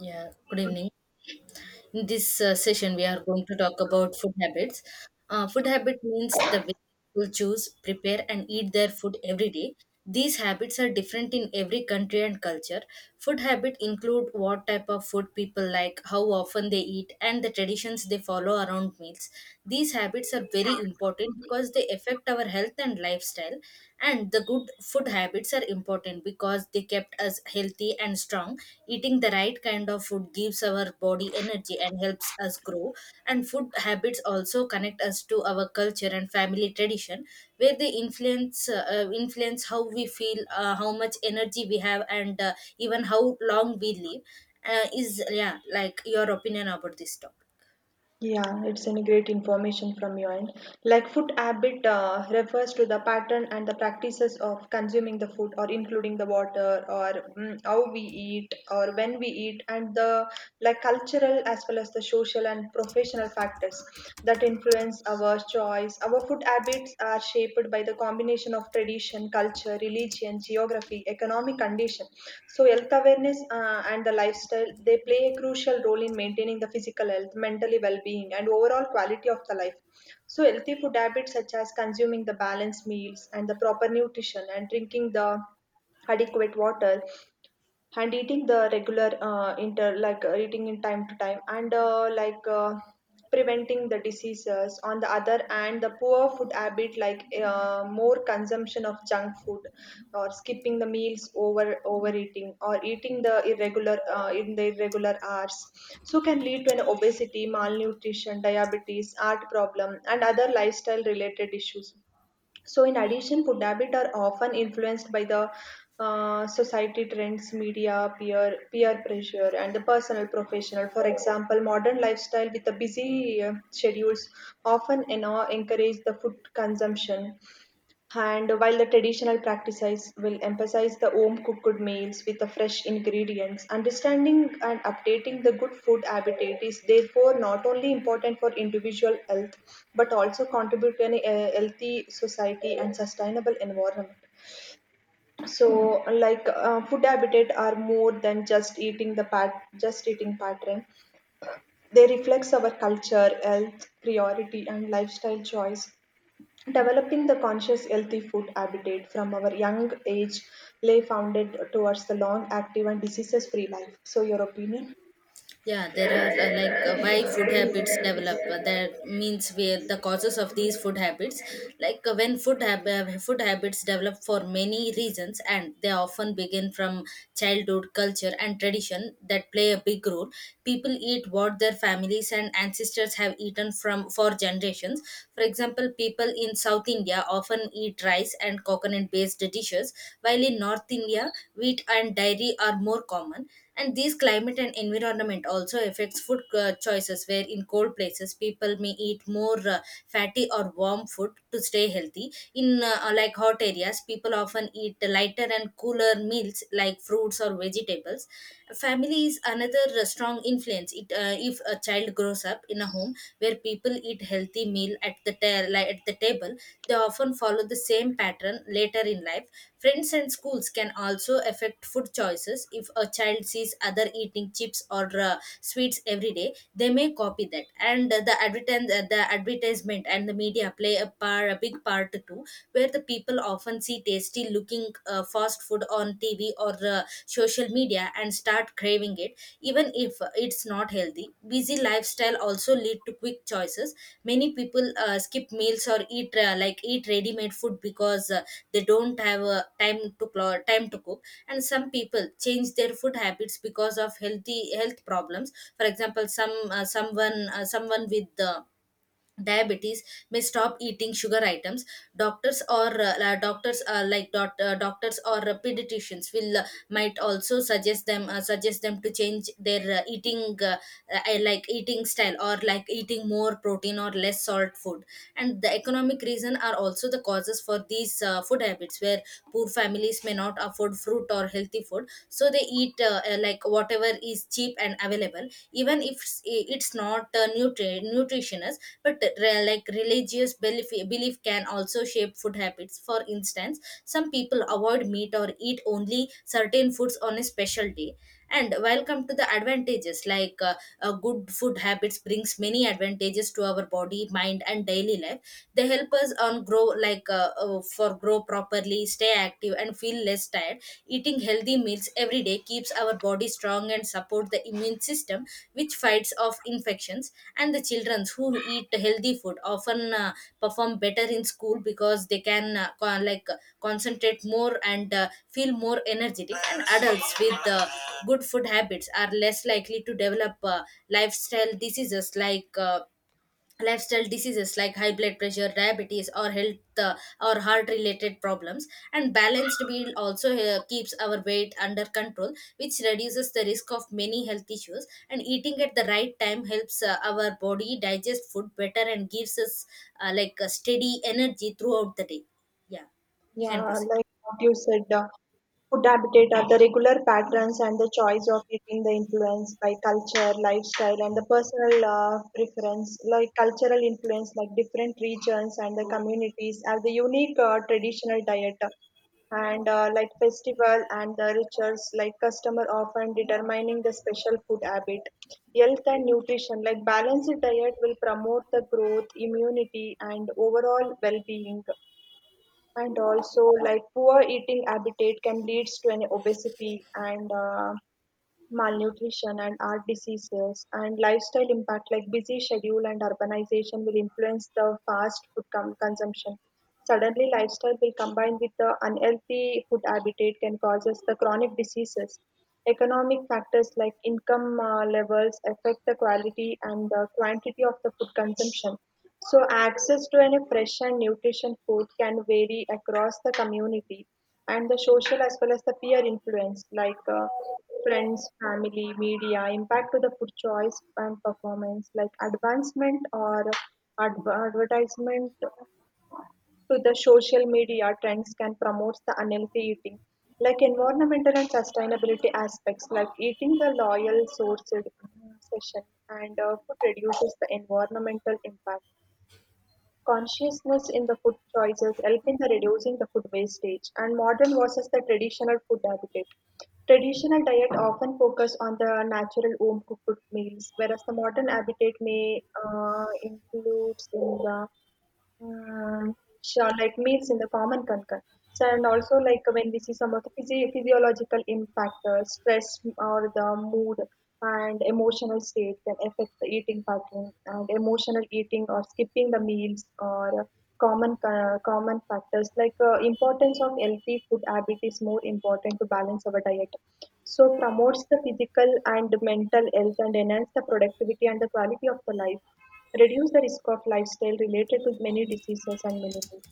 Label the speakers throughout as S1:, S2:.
S1: Yeah, good evening. In this session, we are going to talk about food habits. Food habit means the way people choose, prepare, and eat their food every day. These habits are different in every country and culture. Food habit include what type of food people like, how often they eat, and the traditions they follow around meals. These habits are very important because they affect our health and lifestyle, and the good food habits are important because they kept us healthy and strong. Eating the right kind of food gives our body energy and helps us grow. And food habits also connect us to our culture and family tradition, where they influence how we feel, how much energy we have, and even how long we live. Like your opinion about this topic?
S2: Yeah, it's any great information from your end. Like food habit refers to the pattern and the practices of consuming the food or including the water or how we eat or when we eat and the like cultural as well as the social and professional factors that influence our choice. Our food habits are shaped by the combination of tradition, culture, religion, geography, economic condition. So health awareness and the lifestyle they play a crucial role in maintaining the physical health, mentally well-being, and overall quality of the life. So healthy food habits such as consuming the balanced meals and the proper nutrition and drinking the adequate water and eating the regular inter like eating in time to time and preventing the diseases on the other and the poor food habit like more consumption of junk food or skipping the meals over overeating or eating the irregular in the irregular hours so can lead to an obesity malnutrition diabetes heart problem and other lifestyle related issues so, in addition, food habits are often influenced by the society trends, media, peer pressure, and the personal professional. For example, modern lifestyle with the busy schedules often encourage the food consumption, and while the traditional practices will emphasize the home cooked meals with the fresh ingredients, understanding and updating the good food habitat is therefore not only important for individual health but also contribute to a healthy society and sustainable environment. So, like food habitat are more than just eating the just eating pattern. They reflects our culture, health, priority, and lifestyle choice. Developing the conscious, healthy food habit from our young age lay founded towards the long, active, and diseases free life. So, your opinion?
S1: Yeah, there are why food habits develop. That means where the causes of these food habits. When food habits develop for many reasons, and they often begin from childhood culture and tradition that play a big role. People eat what their families and ancestors have eaten from for generations. For example, people in South India often eat rice and coconut-based dishes, while in North India, wheat and dairy are more common, and these climate and environment also affects food choices. Where in cold places people may eat more fatty or warm food to stay healthy, in like hot areas people often eat lighter and cooler meals like fruits or vegetables. Family is another strong influence. It if a child grows up in a home where people eat healthy meal at the at the table, they often follow the same pattern later in life. Friends and schools can also affect food choices. If a child sees other eating chips or sweets every day, they may copy that. And the advertisement and the media play a big part too, where the people often see tasty looking fast food on TV or social media and start craving it, even if it's not healthy. Busy lifestyle also lead to quick choices. Many people skip meals or eat ready made food because they don't have time to cook. And some people change their food habits because of healthy health problems. For example, someone with diabetes may stop eating sugar items. Doctors or la- doctors like dot, Doctors or pediatricians will might also suggest them to change their eating like eating style, or like eating more protein or less salt food. And the economic reason are also the causes for these food habits, where poor families may not afford fruit or healthy food, so they eat like whatever is cheap and available, even if it's not nutritious. But like religious belief can also shape food habits. For instance, some people avoid meat or eat only certain foods on a special day. And welcome to the advantages. Good food habits brings many advantages to our body, mind, and daily life. They help us on grow like for grow properly, stay active, and feel less tired. Eating healthy meals every day keeps our body strong and support the immune system, which fights off infections. And the children who eat healthy food often perform better in school because they can concentrate more and feel more energetic. And adults with good food habits are less likely to develop lifestyle diseases like uh, lifestyle diseases like high blood pressure, diabetes, or heart related problems. And balanced meal also keeps our weight under control, which reduces the risk of many health issues. And eating at the right time helps our body digest food better and gives us like a steady energy throughout the day. Yeah. You can
S2: Yeah,
S1: proceed.
S2: like what you said, food habitat are the regular patterns and the choice of eating the influence by culture, lifestyle, and the personal preference. Like cultural influence, like different regions and the communities have the unique traditional diet. And like festival and the rituals, like customer often determining the special food habit. Health and nutrition, like balanced diet will promote the growth, immunity, and overall well-being, and also like poor eating habitat can leads to an obesity and malnutrition and heart diseases and lifestyle impact like busy schedule and urbanization will influence the fast food consumption. Suddenly lifestyle will combine with the unhealthy food habitat can causes the chronic diseases. Economic factors like income levels affect the quality and the quantity of the food consumption. So, access to any fresh and nutrition food can vary across the community, and the social as well as the peer influence, like friends, family, media, impact to the food choice and performance, like advancement or advertisement to the social media trends can promote the unhealthy eating, like environmental and sustainability aspects like eating the loyal sourced session and food reduces the environmental impact, consciousness in the food choices help in the reducing the food wastage and modern versus the traditional food habit. Traditional diet often focus on the natural home cooked meals, whereas the modern habitat may includes in the um, sure, like meals in the common concern. So, and also like when we see some of the physiological impact, stress or the mood and emotional state can affect the eating pattern. And emotional eating or skipping the meals or common common factors like importance of healthy food habit is more important to balance our diet. So promotes the physical and mental health and enhance the productivity and the quality of the life, reduce the risk of lifestyle related to many diseases and diseases.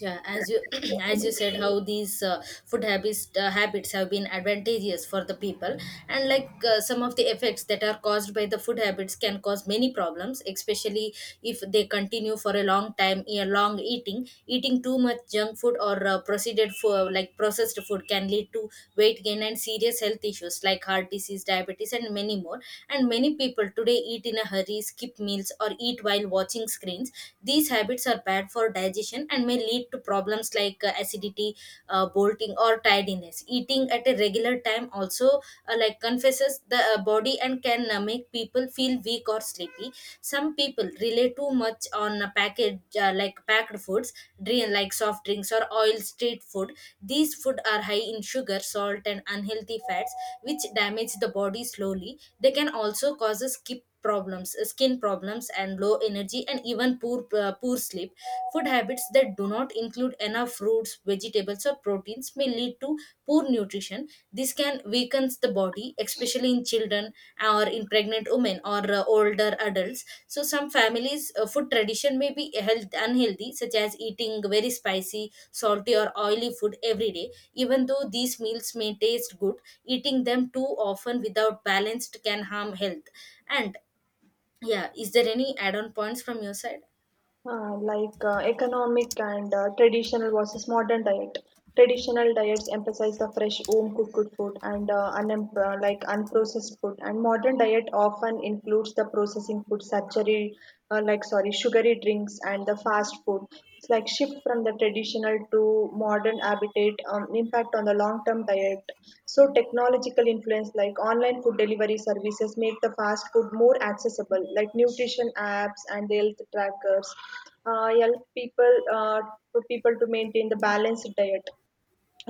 S1: Yeah, as you as you said, how these food habits habits have been advantageous for the people, and some of the effects that are caused by the food habits can cause many problems, especially if they continue for a long time. A long eating, too much junk food or processed food, can lead to weight gain and serious health issues like heart disease, diabetes, and many more. And many people today eat in a hurry, skip meals, or eat while watching screens. These habits are bad for digestion and may lead to problems like acidity, bloating, or tidiness. Eating at a regular time also like confesses the body and can make people feel weak or sleepy. Some people rely too much on package like packed foods, drink like soft drinks or oil street food. These food are high in sugar, salt, and unhealthy fats, which damage the body slowly. They can also cause a skip problems skin problems and low energy and even poor sleep. Food habits that do not include enough fruits, vegetables, or proteins may lead to poor nutrition. This can weaken the body, especially in children or in pregnant women or older adults. So some families food tradition may be health unhealthy, such as eating very spicy, salty, or oily food every day. Even though these meals may taste good, eating them too often without balanced can harm health. And yeah, is there any add-on points from your side?
S2: Economic and traditional versus modern diet. Traditional diets emphasize the fresh, home cooked food and like unprocessed food, and modern diet often includes the processing food, sugary, like sorry, sugary drinks and the fast food. Like shift from the traditional to modern habitat impact on the long term diet. So technological influence like online food delivery services make the fast food more accessible, like nutrition apps and the health trackers help people for people to maintain the balanced diet,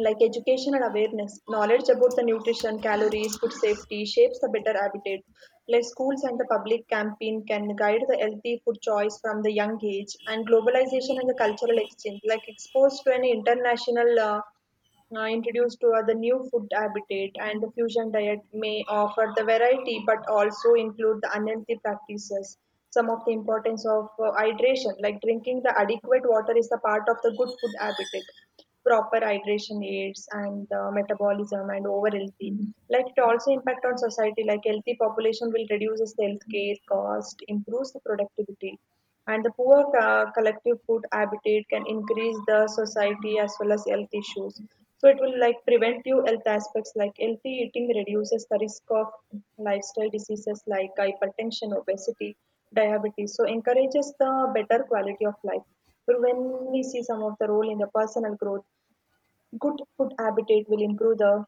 S2: like education and awareness knowledge about the nutrition calories food safety shapes a better habitat, like schools and the public campaign can guide the healthy food choice from the young age, and globalization and the cultural exchange like exposed to an international introduced to the new food habitat and the fusion diet may offer the variety but also include the unhealthy practices. Some of the importance of hydration, like drinking the adequate water is the part of the good food habitat. Proper hydration aids and metabolism and over healthy, like it also impact on society, like healthy population will reduces the healthcare cost, improves the productivity, and the poor collective food habitat can increase the society as well as health issues. So it will like prevent you health aspects, like healthy eating reduces the risk of lifestyle diseases like hypertension, obesity, diabetes. So encourages the better quality of life. So when we see some of the role in the personal growth, good food habit will improve the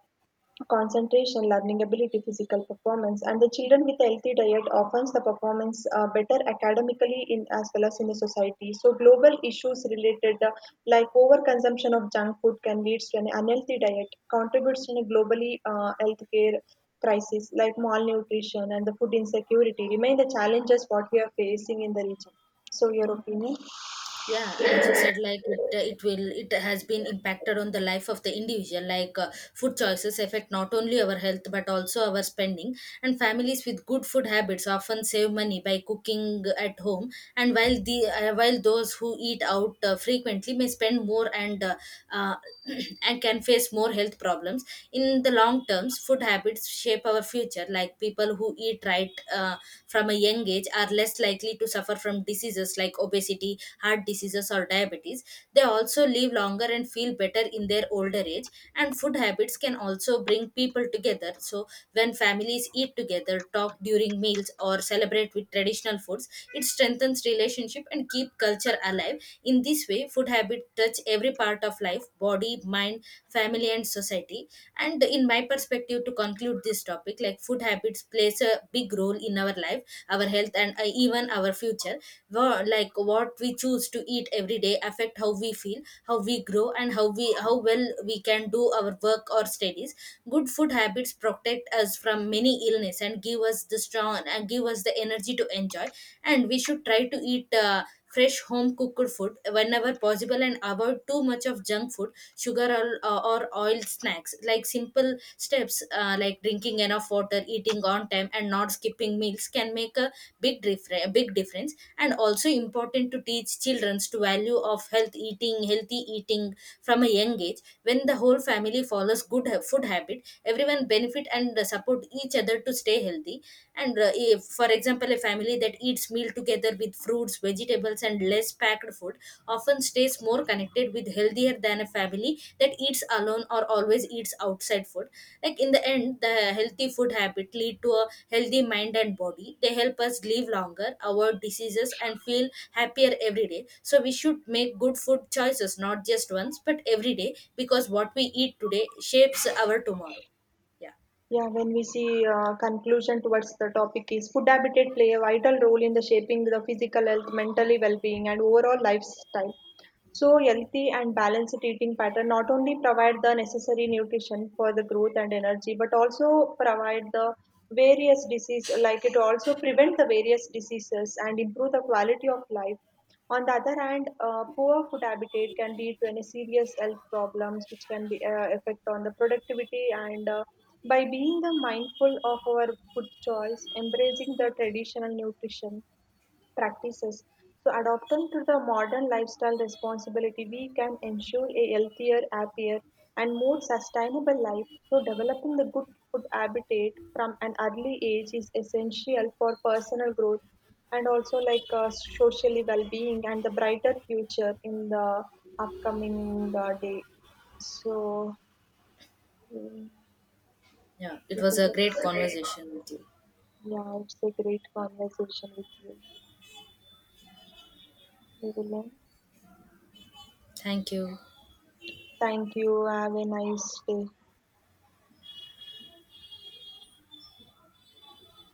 S2: concentration, learning ability, physical performance, and the children with a healthy diet often the performance better academically in as well as in the society. So global issues related, overconsumption of junk food can lead to an unhealthy diet, contributes to a globally healthcare crisis, like malnutrition and the food insecurity remain the challenges what we are facing in the region. So your opinion?
S1: Yeah, as you said, it will, it has been impacted on the life of the individual. Food choices affect not only our health but also our spending. And families with good food habits often save money by cooking at home. And while the while those who eat out frequently may spend more and uh, and can face more health problems in the long terms. Food habits shape our future. Like people who eat right. From a young age are less likely to suffer from diseases like obesity, heart diseases, or diabetes. They also live longer and feel better in their older age. And food habits can also bring people together. So, when families eat together, talk during meals, or celebrate with traditional foods, it strengthens relationship and keep culture alive. In this way, food habit touch every part of life, body, mind, family, and society. And in my perspective, to conclude this topic, like food habits plays a big role in our life, our health, and even our future. What we choose to eat every day affect how we feel, how we grow, and how well we can do our work or studies. Good food habits protect us from many illness and give us the strong and give us the energy to enjoy. And we should try to eat fresh home cooked food whenever possible and avoid too much of junk food, sugar, or oil snacks. Like simple steps like drinking enough water, eating on time, and not skipping meals can make a big difference. And also important to teach Childrens to value of health eating, healthy eating from a young age. When the whole family follows food habit, everyone benefit and support each other to stay healthy. And if, for example, a family that eats meal together with fruits, vegetables, and less packed food often stays more connected with healthier than a family that eats alone or always eats outside food. Like in the end, the healthy food habit lead to a healthy mind and body. They help us live longer, avoid diseases, and feel happier every day. So we should make good food choices not just once but every day, because what we eat today shapes our tomorrow. Yeah.
S2: Yeah, when we see conclusion towards the topic is food habitat play a vital role in the shaping the physical health, mentally well-being, and overall lifestyle. So healthy and balanced eating pattern not only provide the necessary nutrition for the growth and energy, but also provide the various disease like it also prevent the various diseases and improve the quality of life. On the other hand, poor food habitat can lead to any serious health problems, which can be affect on the productivity. And by being the mindful of our food choice, embracing the traditional nutrition, practices. So, adopting to the modern lifestyle responsibility, we can ensure a healthier, happier, and more sustainable life. So, developing the good food habitat from an early age is essential for personal growth, and also like socially well-being and the brighter future in the upcoming day. So, mm,
S1: Yeah, it
S2: it
S1: was a great
S2: is-
S1: conversation with you.
S2: yeah, it's a great conversation with you, Vivian.
S1: Thank you.
S2: Thank you. Have a nice day.